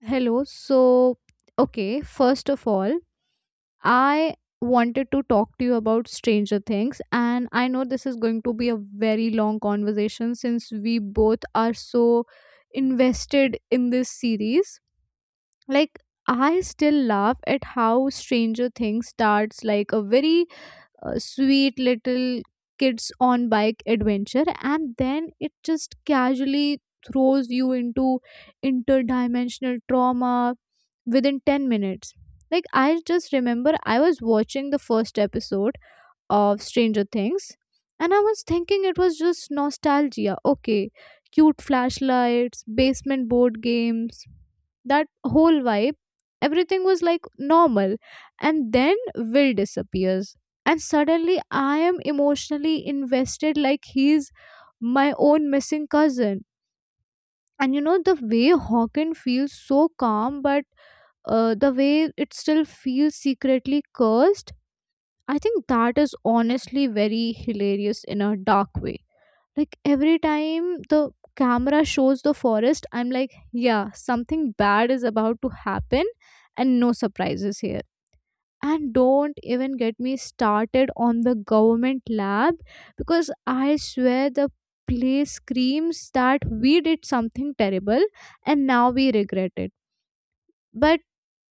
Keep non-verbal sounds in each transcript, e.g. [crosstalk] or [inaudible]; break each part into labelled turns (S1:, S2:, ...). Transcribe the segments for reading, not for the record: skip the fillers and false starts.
S1: Hello. So, okay, first of all, I wanted to talk to you about Stranger Things, and I know this is going to be a very long conversation since we both are so invested in this series. Like, I still laugh at how Stranger Things starts like a very sweet little kids on bike adventure, and then it just casually throws you into interdimensional trauma within 10 minutes. Like, I just remember I was watching the first episode of Stranger Things and I was thinking it was just nostalgia. Okay, cute flashlights, basement board games, that whole vibe. Everything was like normal. And then Will disappears. And suddenly I am emotionally invested like he's my own missing cousin. And you know, the way Hawken feels so calm but the way it still feels secretly cursed, I think that is honestly very hilarious in a dark way. Like every time the camera shows the forest, I'm like, yeah, something bad is about to happen, and no surprises here. And don't even get me started on the government lab because I swear the play screams that we did something terrible and now we regret it, but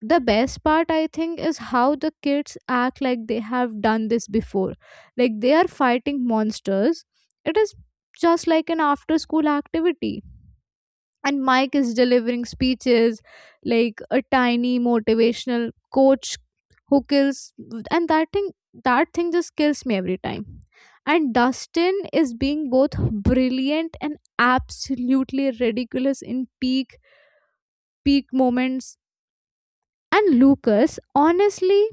S1: the best part, I think, is how the kids act like they have done this before, like they are fighting monsters. It is just like an after school activity. And Mike is delivering speeches like a tiny motivational coach who kills, and that thing just kills me every time. And Dustin is being both brilliant and absolutely ridiculous in peak moments. And Lucas, honestly,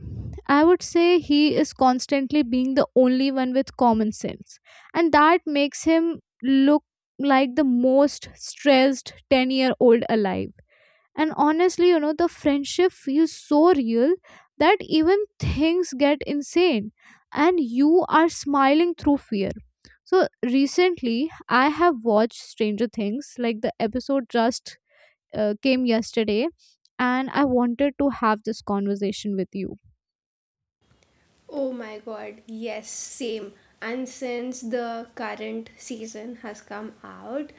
S1: I would say he is constantly being the only one with common sense. And that makes him look like the most stressed 10-year-old year old alive. And honestly, you know, the friendship feels so real that even things get insane and you are smiling through fear. So recently, I have watched Stranger Things, like the episode just came yesterday, and I wanted to have this conversation with you.
S2: Oh my god, yes, same. And since the current season has come out,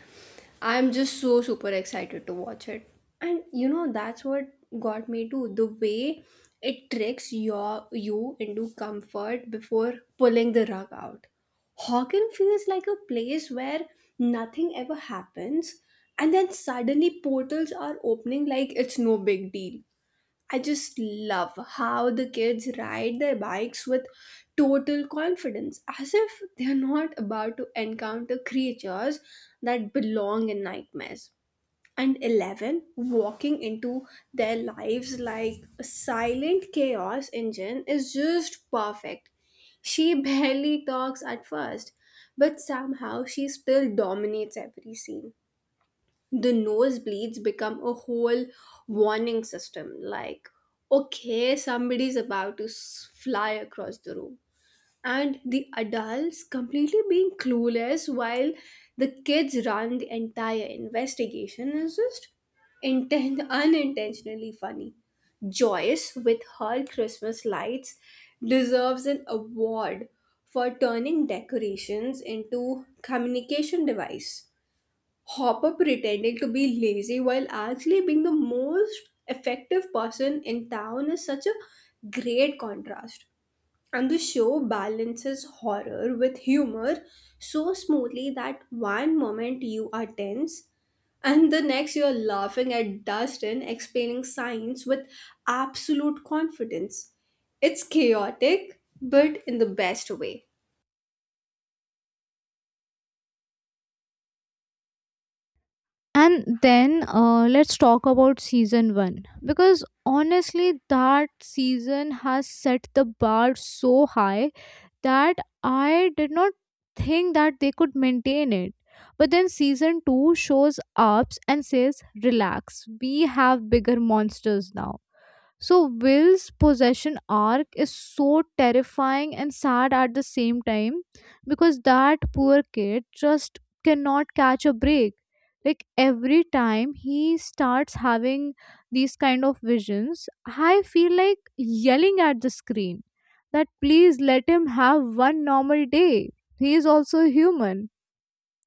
S2: I'm just so super excited to watch it. And you know, that's what got me too. The way it tricks you into comfort before pulling the rug out. Hocken feels like a place where nothing ever happens, and then suddenly portals are opening like it's no big deal. I just love how the kids ride their bikes with total confidence, as if they're not about to encounter creatures that belong in nightmares. And 11, walking into their lives like a silent chaos engine is just perfect. She barely talks at first, but somehow she still dominates every scene. The nosebleeds become a whole warning system, like okay, somebody's about to fly across the room, and the adults completely being clueless while the kids run the entire investigation is just intent unintentionally funny. Joyce with her Christmas lights deserves an award for turning decorations into communication device. Hopper pretending to be lazy while actually being the most effective person in town is such a great contrast. And the show balances horror with humor so smoothly that one moment you are tense and the next you're laughing at Dustin explaining science with absolute confidence. It's chaotic, but in the best way.
S1: And then let's talk about season one because honestly, that season has set the bar so high that I did not think that they could maintain it. But then season two shows ups and says, "Relax, we have bigger monsters now." So Will's possession arc is so terrifying and sad at the same time because that poor kid just cannot catch a break. Like every time he starts having these kind of visions, I feel like yelling at the screen that please let him have one normal day. He is also human.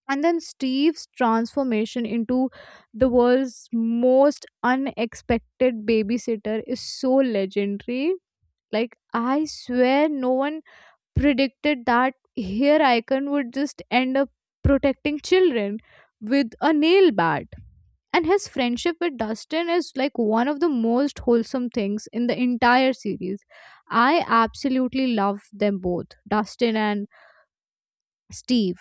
S1: And then Steve's transformation into the world's most unexpected babysitter is so legendary. Like, I swear no one predicted that here Icon would just end up protecting children with a nail bat. And his friendship with Dustin is like one of the most wholesome things in the entire series. I absolutely love them both, Dustin and Steve.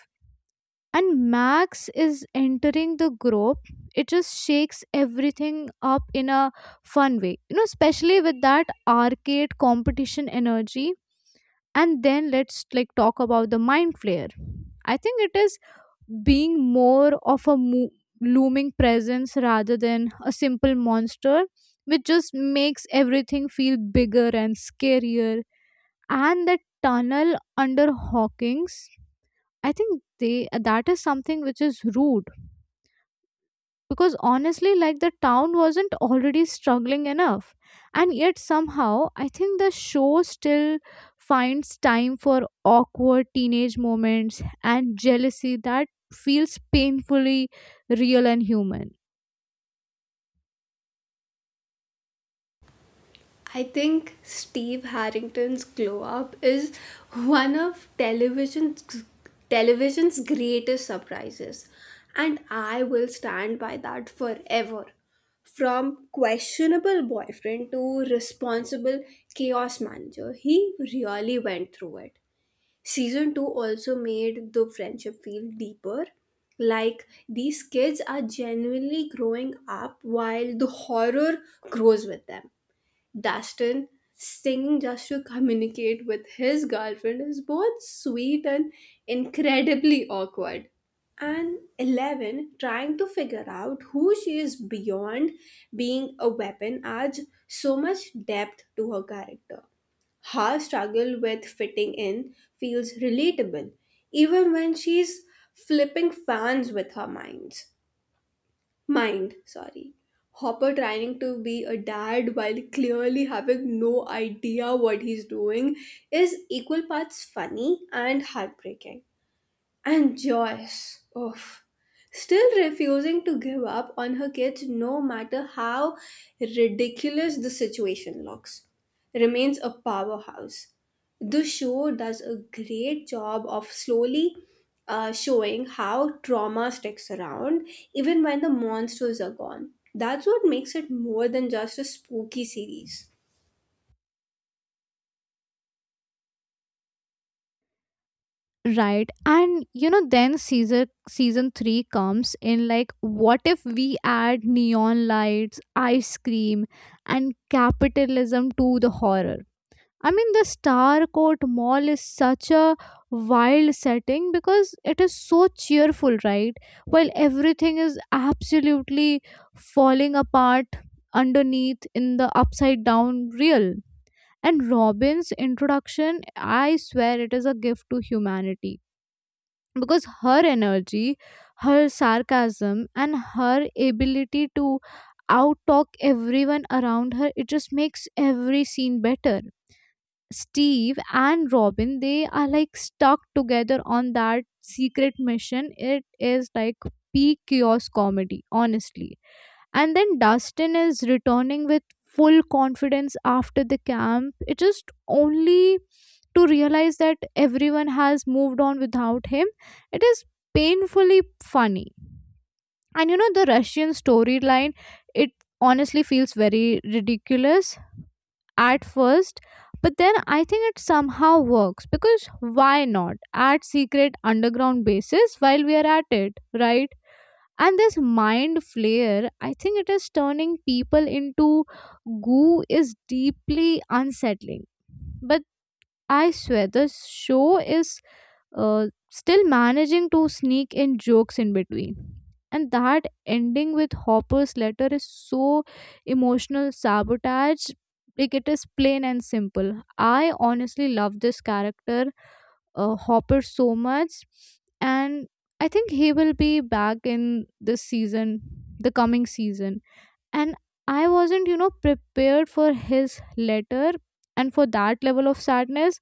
S1: And Max is entering the group. It just shakes everything up in a fun way, you know, especially with that arcade competition energy. And then let's like talk about the mind flare. I think it is being more of a looming presence rather than a simple monster, which just makes everything feel bigger and scarier. And the tunnel under Hawking's, I think they, that is something which is rude because honestly like the town wasn't already struggling enough, and yet somehow I think the show still finds time for awkward teenage moments and jealousy that feels painfully real and human.
S2: I think Steve Harrington's glow up is one of television's greatest surprises, and I will stand by that forever. From questionable boyfriend to responsible chaos manager, he really went through it. Season 2 also made the friendship feel deeper. Like these kids are genuinely growing up while the horror grows with them. Daston singing just to communicate with his girlfriend is both sweet and incredibly awkward. And 11 trying to figure out who she is beyond being a weapon adds so much depth to her character. Her struggle with fitting in feels relatable, even when she's flipping fans with her mind. Mind, sorry. Hopper trying to be a dad while clearly having no idea what he's doing is equal parts funny and heartbreaking. And Joyce, oof, still refusing to give up on her kids no matter how ridiculous the situation looks, remains a powerhouse. The show does a great job of slowly showing how trauma sticks around even when the monsters are gone. That's what makes it more than just a spooky series.
S1: Right, and you know then season 3 comes in like, what if we add neon lights, ice cream, and capitalism to the horror? I mean, the Star Court Mall is such a wild setting because it is so cheerful, right? While everything is absolutely falling apart underneath in the upside down real. And Robin's introduction, I swear it is a gift to humanity because her energy, her sarcasm, and her ability to outtalk everyone around her, it just makes every scene better. Steve and Robin, they are like stuck together on that secret mission. It is like peak chaos comedy, honestly. And then Dustin is returning with full confidence after the camp. It just only to realize that everyone has moved on without him. It is painfully funny. And you know, the Russian storyline, it honestly feels very ridiculous at first, but then I think it somehow works because why not add secret underground bases while we are at it, right? And this mind flare, I think it is turning people into goo, is deeply unsettling. I swear, the show is still managing to sneak in jokes in between. And that ending with Hopper's letter is so emotional sabotage. Like it is plain and simple. I honestly love this character, Hopper, so much. And I think he will be back in this season, the coming season. And I wasn't, you know, prepared for his letter and for that level of sadness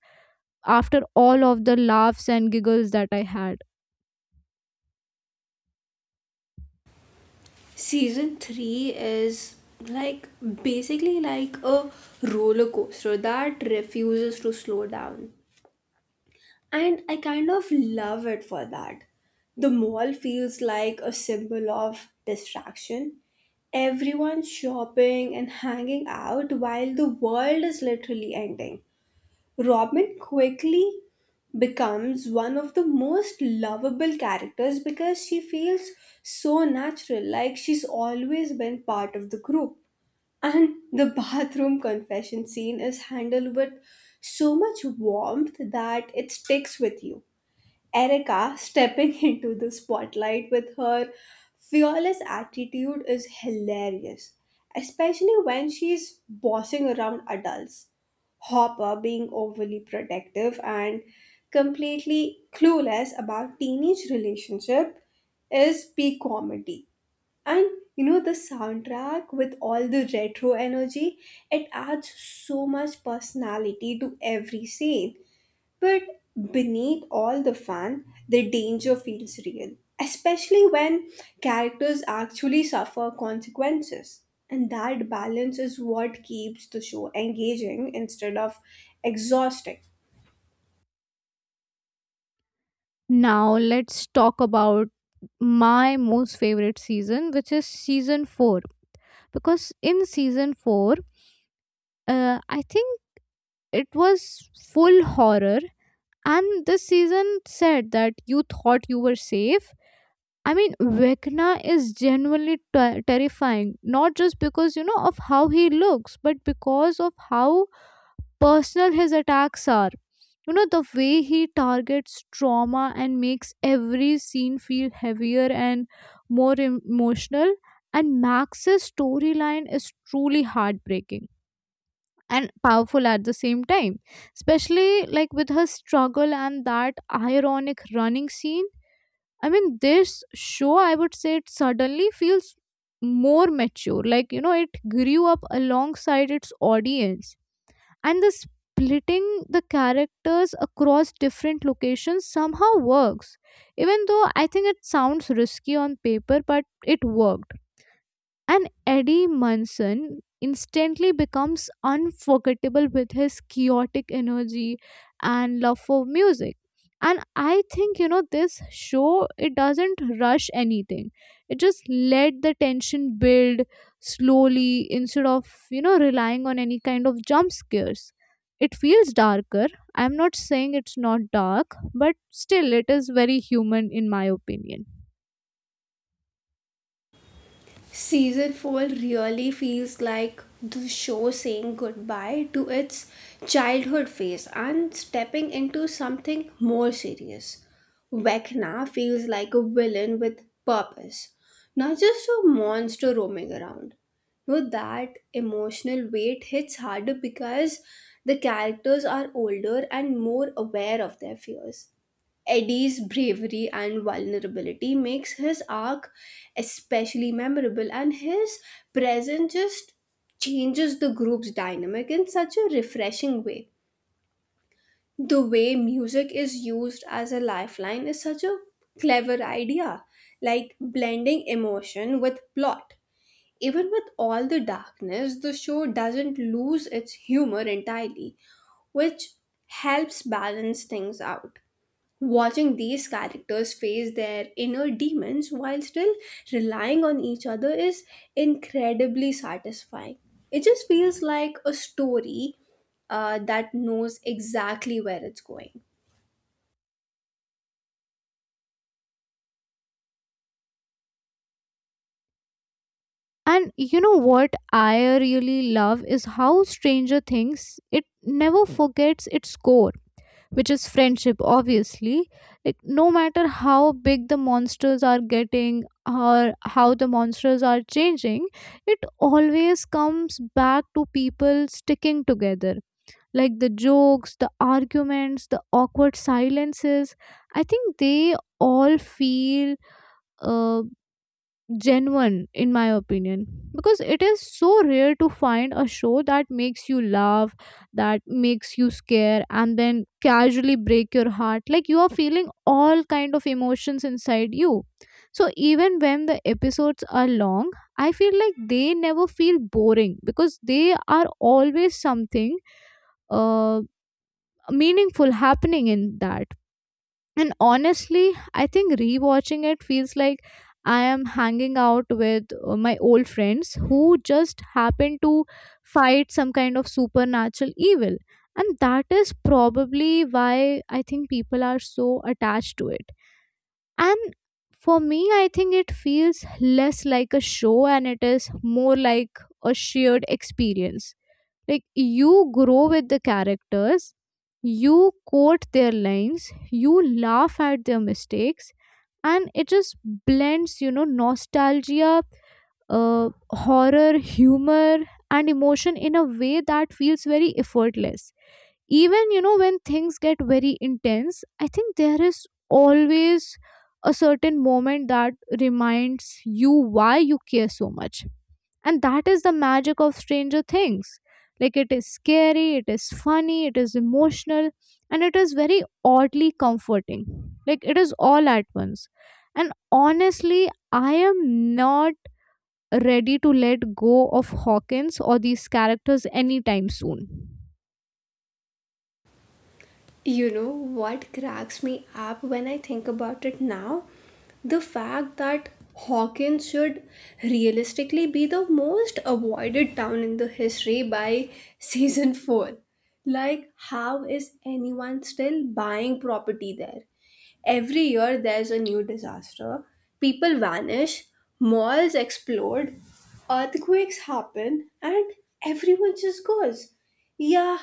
S1: after all of the laughs and giggles that I had.
S2: Season 3 is like basically like a roller coaster that refuses to slow down, and I kind of love it for that. The mall feels like a symbol of distraction. Everyone's shopping and hanging out while the world is literally ending. Robin quickly becomes one of the most lovable characters because she feels so natural, like she's always been part of the group. And the bathroom confession scene is handled with so much warmth that it sticks with you. Erica stepping [laughs] into the spotlight with her fearless attitude is hilarious, especially when she's bossing around adults. Hopper being overly protective and completely clueless about teenage relationship is peak comedy. And you know the soundtrack with all the retro energy, it adds so much personality to every scene. But beneath all the fun, the danger feels real, especially when characters actually suffer consequences. And that balance is what keeps the show engaging instead of exhausting.
S1: Now, let's talk about my most favorite season, which is season 4. Because in season 4, I think it was full horror, and this season said that you thought you were safe. I mean, Vecna is genuinely terrifying, not just because you know of how he looks, but because of how personal his attacks are. You know, the way he targets trauma and makes every scene feel heavier and more emotional. And Max's storyline is truly heartbreaking and powerful at the same time, especially like with her struggle and that ironic running scene. I mean, this show, I would say, it suddenly feels more mature. Like, you know, it grew up alongside its audience. And the splitting the characters across different locations somehow works even though I think it sounds risky on paper, but it worked. And Eddie Munson instantly becomes unforgettable with his chaotic energy and love for music. And I think, you know, this show, it doesn't rush anything. It just let the tension build slowly instead of, you know, relying on any kind of jump scares. It feels darker. I'm not saying it's not dark, but still it is very human in my opinion.
S2: Season 4 really feels like the show saying goodbye to its childhood phase and stepping into something more serious. Vecna feels like a villain with purpose, not just a monster roaming around. No, that emotional weight hits harder because the characters are older and more aware of their fears. Eddie's bravery and vulnerability makes his arc especially memorable, and his presence just changes the group's dynamic in such a refreshing way. The way music is used as a lifeline is such a clever idea, like blending emotion with plot. Even with all the darkness, the show doesn't lose its humor entirely, which helps balance things out. Watching these characters face their inner demons while still relying on each other is incredibly satisfying. It just feels like a story that knows exactly where it's going.
S1: And you know what I really love is how Stranger Things, it never forgets its core, which is friendship, obviously. Like no matter how big the monsters are getting or how the monsters are changing, it always comes back to people sticking together. Like the jokes, the arguments, the awkward silences, I think they all feel uh, genuine in my opinion, because it is so rare to find a show that makes you laugh, that makes you scare, and then casually break your heart, like you are feeling all kind of emotions inside you. So even when the episodes are long, I feel like they never feel boring because they are always something uh, meaningful happening in that. And honestly, I think rewatching it feels like I am hanging out with my old friends who just happen to fight some kind of supernatural evil. And that is probably why I think people are so attached to it. And for me, I think it feels less like a show and it is more like a shared experience. Like you grow with the characters, you quote their lines, you laugh at their mistakes, and it just blends, you know, nostalgia, horror, humor, and emotion in a way that feels very effortless. Even you know when things get very intense, I think there is always a certain moment that reminds you why you care so much. And that is the magic of Stranger Things. Like it is scary, it is funny, it is emotional, and it is very oddly comforting. Like it is all at once. And honestly, I am not ready to let go of Hawkins or these characters anytime soon.
S2: You know what cracks me up when I think about it now? The fact that Hawkins should realistically be the most avoided town in the history by [laughs] season 4. Like, how is anyone still buying property there? Every year there's a new disaster. People vanish, malls explode, earthquakes happen, and everyone just goes, yeah,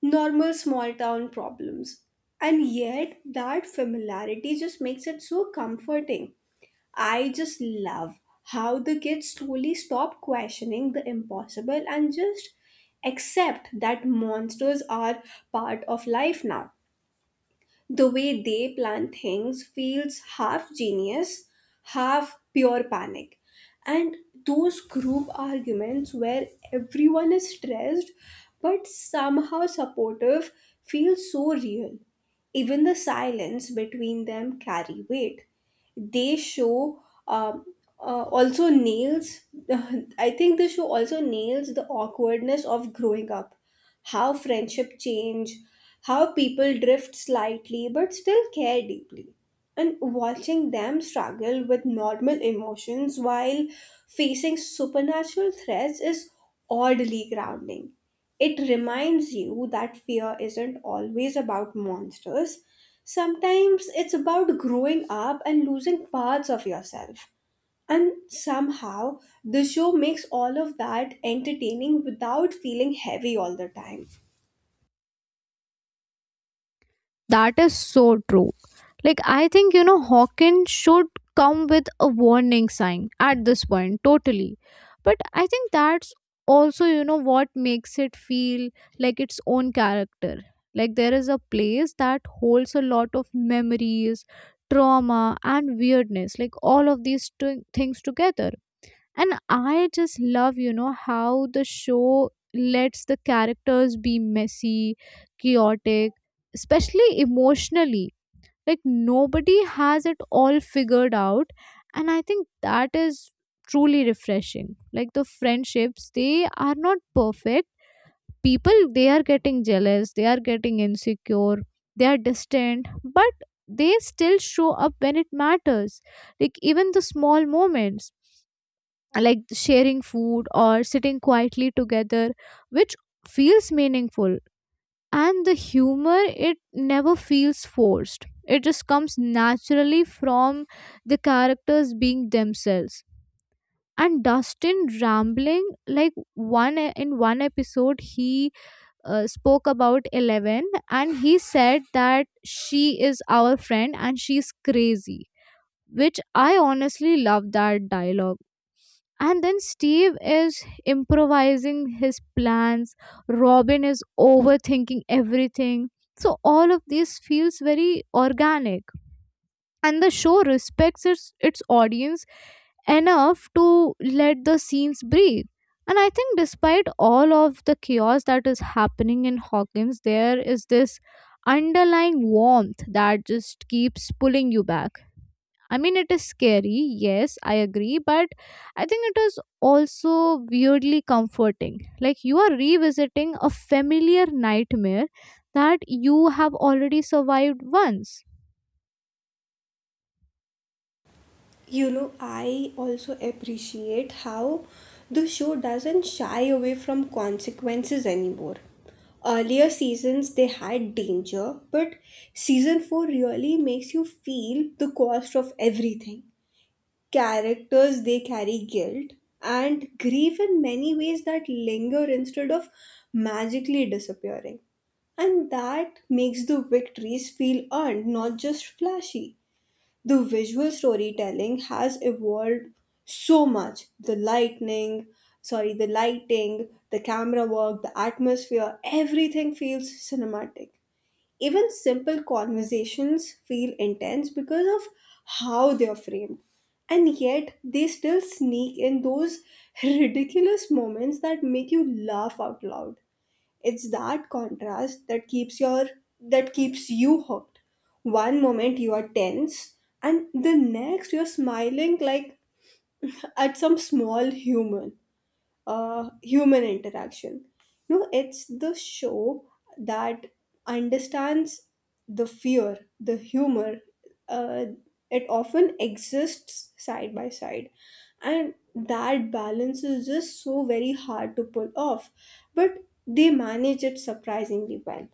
S2: normal small town problems. And yet, that familiarity just makes it so comforting. I just love how the kids slowly stop questioning the impossible and just accept that monsters are part of life now. The way they plan things feels half genius, half pure panic. And those group arguments where everyone is stressed but somehow supportive feel so real. Even the silence between them carry weight. They show um, also nails [laughs] I think the show also nails the awkwardness of growing up, how friendship change, how people drift slightly but still care deeply, and watching them struggle with normal emotions while facing supernatural threats is oddly grounding. It reminds you that fear isn't always about monsters. Sometimes it's about growing up and losing parts of yourself. And somehow, the show makes all of that entertaining without feeling heavy all the time.
S1: That is so true. Like, I think, you know, Hawkins should come with a warning sign at this point, totally. But I think that's also, you know, what makes it feel like its own character. Like, there is a place that holds a lot of memories, trauma, and weirdness, like all of these things together, and I just love, you know, how the show lets the characters be messy, chaotic, especially emotionally. Like, nobody has it all figured out, and I think that is truly refreshing. Like, the friendships, they are not perfect. People, they are getting jealous, they are getting insecure, they are distant, but they still show up when it matters. Like, even the small moments, like sharing food or sitting quietly together, which feels meaningful. And the humor, it never feels forced. It just comes naturally from the characters being themselves. And Dustin rambling, like in one episode, he spoke about 11, and he said that she is our friend and she's crazy, which I honestly love that dialogue. And then Steve is improvising his plans. Robin is overthinking everything. So all of this feels very organic. And the show respects its audience enough to let the scenes breathe. And I think, despite all of the chaos that is happening in Hawkins, there is this underlying warmth that just keeps pulling you back. I mean, it is scary, yes, I agree, but I think it is also weirdly comforting. Like, you are revisiting a familiar nightmare that you have already survived once.
S2: You know, I also appreciate how the show doesn't shy away from consequences anymore. Earlier seasons they had danger, but season 4 really makes you feel the cost of everything. Characters they carry guilt and grief in many ways that linger instead of magically disappearing. And that makes the victories feel earned, not just flashy. The visual storytelling has evolved so much. The lightning sorry, the lighting, the camera work, the atmosphere, everything feels cinematic. Even simple conversations feel intense because of how they are framed, and yet they still sneak in those [laughs] ridiculous moments that make you laugh out loud. It's that contrast that keeps your that keeps you hooked. One moment you are tense and the next you're smiling like at some small human interaction. No, it's the show that understands the fear, the humor. Uh, it often exists side by side, and that balance is just so very hard to pull off. But they manage it surprisingly well.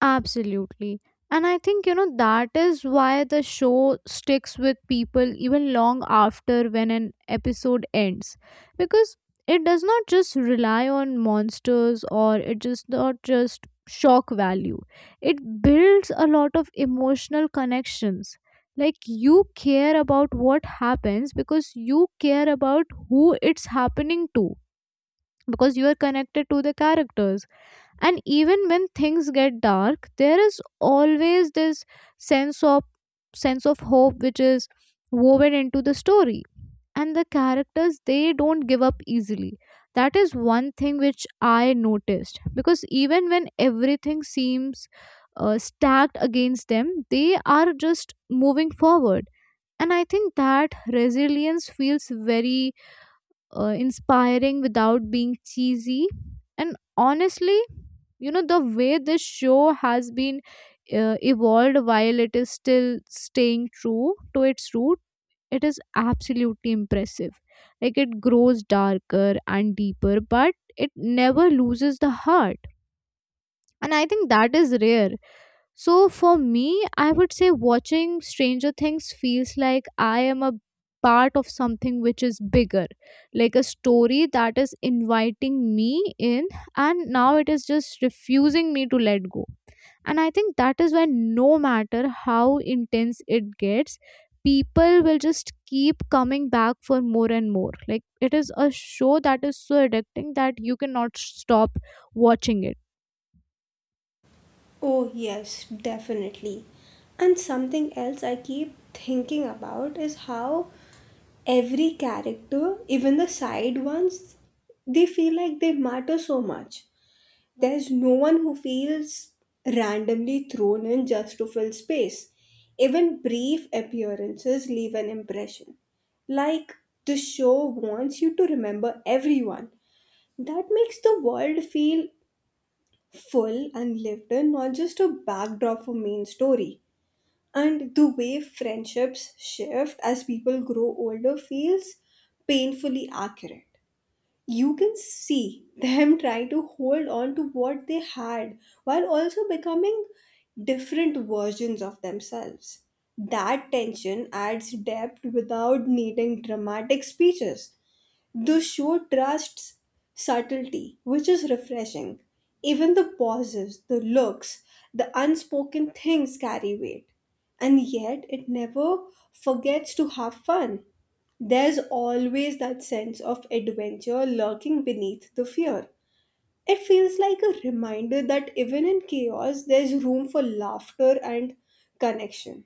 S1: Absolutely. And I think, you know, that is why the show sticks with people even long after when an episode ends. Because it does not just rely on monsters, or it just not just shock value. It builds a lot of emotional connections. Like, you care about what happens because you care about who it's happening to, because you are connected to the characters. And even when things get dark, there is always this sense of sense of hope, which is woven into the story. And the characters, they don't give up easily. That is one thing which I noticed, because even when everything seems stacked against them, they are just moving forward. And I think that resilience feels very inspiring without being cheesy. And honestly, you know, the way this show has been evolved while it is still staying true to its root, it is absolutely impressive. Like, it grows darker and deeper, but it never loses the heart. And I think that is rare. So for me, I would say watching Stranger Things feels like I am a part of something which is bigger, like a story that is inviting me in, and now it is just refusing me to let go. And I think that is when, no matter how intense it gets, people will just keep coming back for more and more. Like, it is a show that is so addicting that you cannot stop watching it.
S2: Oh, yes, definitely. And something else I keep thinking about is how every character, even the side ones, they feel like they matter so much. There's no one who feels randomly thrown in just to fill space. Even brief appearances leave an impression. Like the show wants you to remember everyone. That makes the world feel full and lived in, not just a backdrop for main story. And the way friendships shift as people grow older feels painfully accurate. You can see them [laughs] trying to hold on to what they had while also becoming different versions of themselves. That tension adds depth without needing dramatic speeches. The show trusts subtlety, which is refreshing. Even the pauses, the looks, the unspoken things carry weight. And yet, it never forgets to have fun. There's always that sense of adventure lurking beneath the fear. It feels like a reminder that even in chaos, there's room for laughter and connection.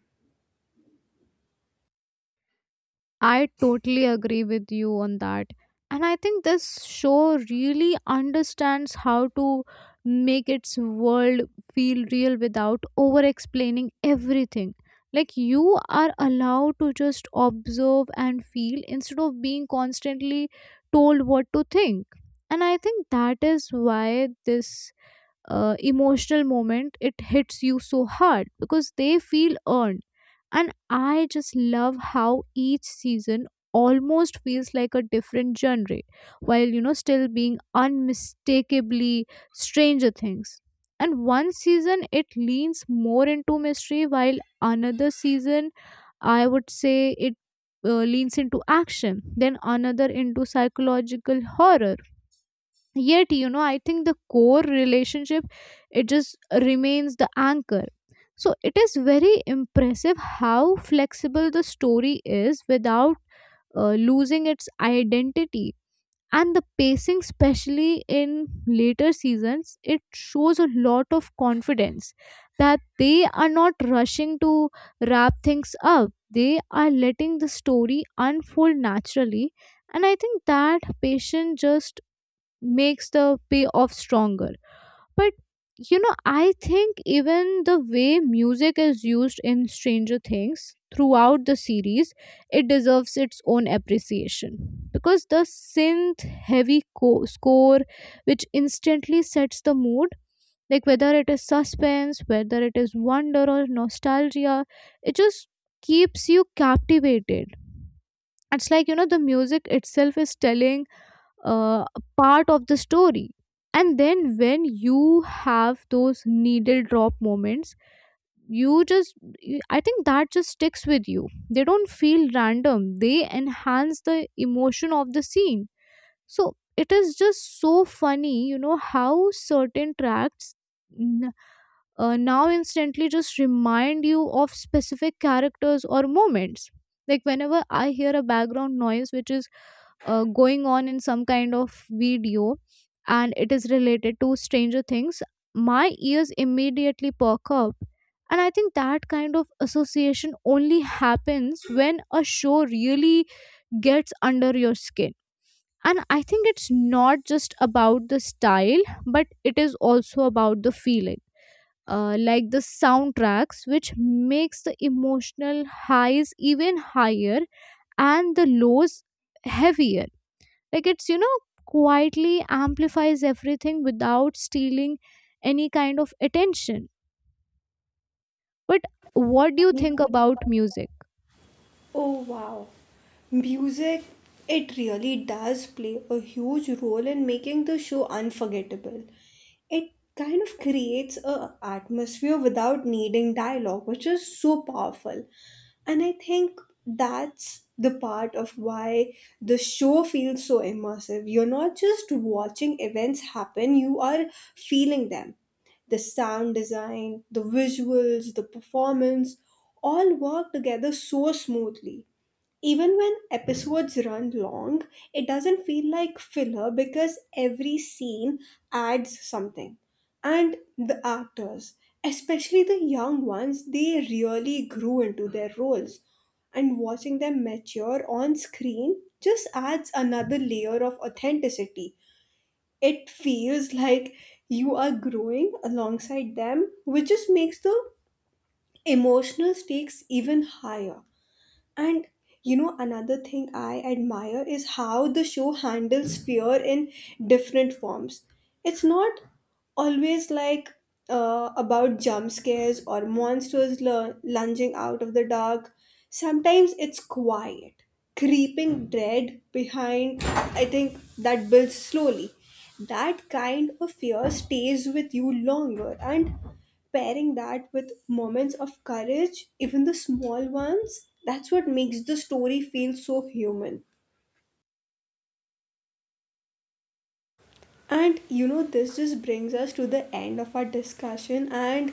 S1: I totally agree with you on that. And I think this show really understands how to make its world feel real without over explaining everything. Like, you are allowed to just observe and feel instead of being constantly told what to think. And I think that is why this emotional moment, it hits you so hard because they feel earned. And I just love how each season almost feels like a different genre, while, you know, still being unmistakably Stranger Things. And one season it leans more into mystery, while another season, I would say it leans into action, then another into psychological horror. Yet, you know, I think the core relationship, it just remains the anchor. So it is very impressive how flexible the story is without losing its identity. And the pacing, especially in later seasons, it shows a lot of confidence that they are not rushing to wrap things up. They are letting the story unfold naturally, and I think that patience just makes the payoff stronger. But, you know, I think even the way music is used in Stranger Things throughout the series, it deserves its own appreciation, because the score, which instantly sets the mood, like whether it is suspense, whether it is wonder or nostalgia, it just keeps you captivated. It's like, you know, the music itself is telling uh, part of the story. And then when you have those needle drop moments, you just I think that just sticks with you. They don't feel random. They enhance the emotion of the scene. So it is just so funny, you know, how certain tracks n- now instantly just remind you of specific characters or moments. Like, whenever I hear a background noise which is going on in some kind of video, and it is related to Stranger Things, my ears immediately perk up. And I think that kind of association only happens when a show really gets under your skin. And I think it's not just about the style, but it is also about the feeling. Like the soundtracks, which makes the emotional highs even higher and the lows heavier. Like, it's, you know, quietly amplifies everything without stealing any kind of attention. But what do you think about music?
S2: Oh wow. Music, it really does play a huge role in making the show unforgettable. It kind of creates a atmosphere without needing dialogue, which is so powerful. And I think that's the part of why the show feels so immersive. You're not just watching events happen, you are feeling them. The sound design, the visuals, the performance all work together so smoothly. Even when episodes run long, it doesn't feel like filler because every scene adds something. And the actors, especially the young ones, they really grew into their roles. And watching them mature on screen just adds another layer of authenticity. It feels like you are growing alongside them, which just makes the emotional stakes even higher. And you know, another thing I admire is how the show handles fear in different forms. It's not always like about jump scares or monsters lunging out of the dark. Sometimes it's quiet, creeping dread behind, I think, that builds slowly. That kind of fear stays with you longer, and pairing that with moments of courage, even the small ones, that's what makes the story feel so human. And you know, this just brings us to the end of our discussion, and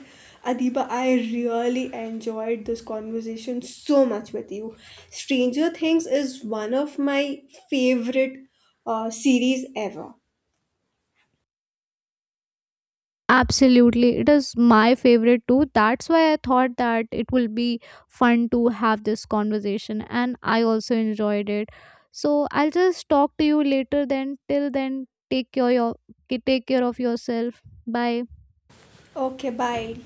S2: Adiba, I really enjoyed this conversation so much with you. Stranger Things is one of my favorite series ever.
S1: Absolutely, it is my favorite too. That's why I thought that it will be fun to have this conversation, and I also enjoyed it. So I'll just talk to you later then. Till then, take care your take care of yourself. Bye.
S2: Okay, bye.